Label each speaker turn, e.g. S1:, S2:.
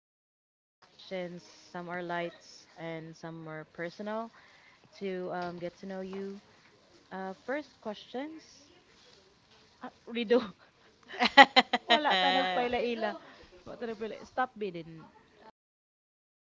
S1: asking a few questions. Some are lights and some are personal to get to know you. First questions. Ah, Rido. Wala ta
S2: Rido.
S1: nagpaila-ila. Wala ta nagpaila. Stop bidding.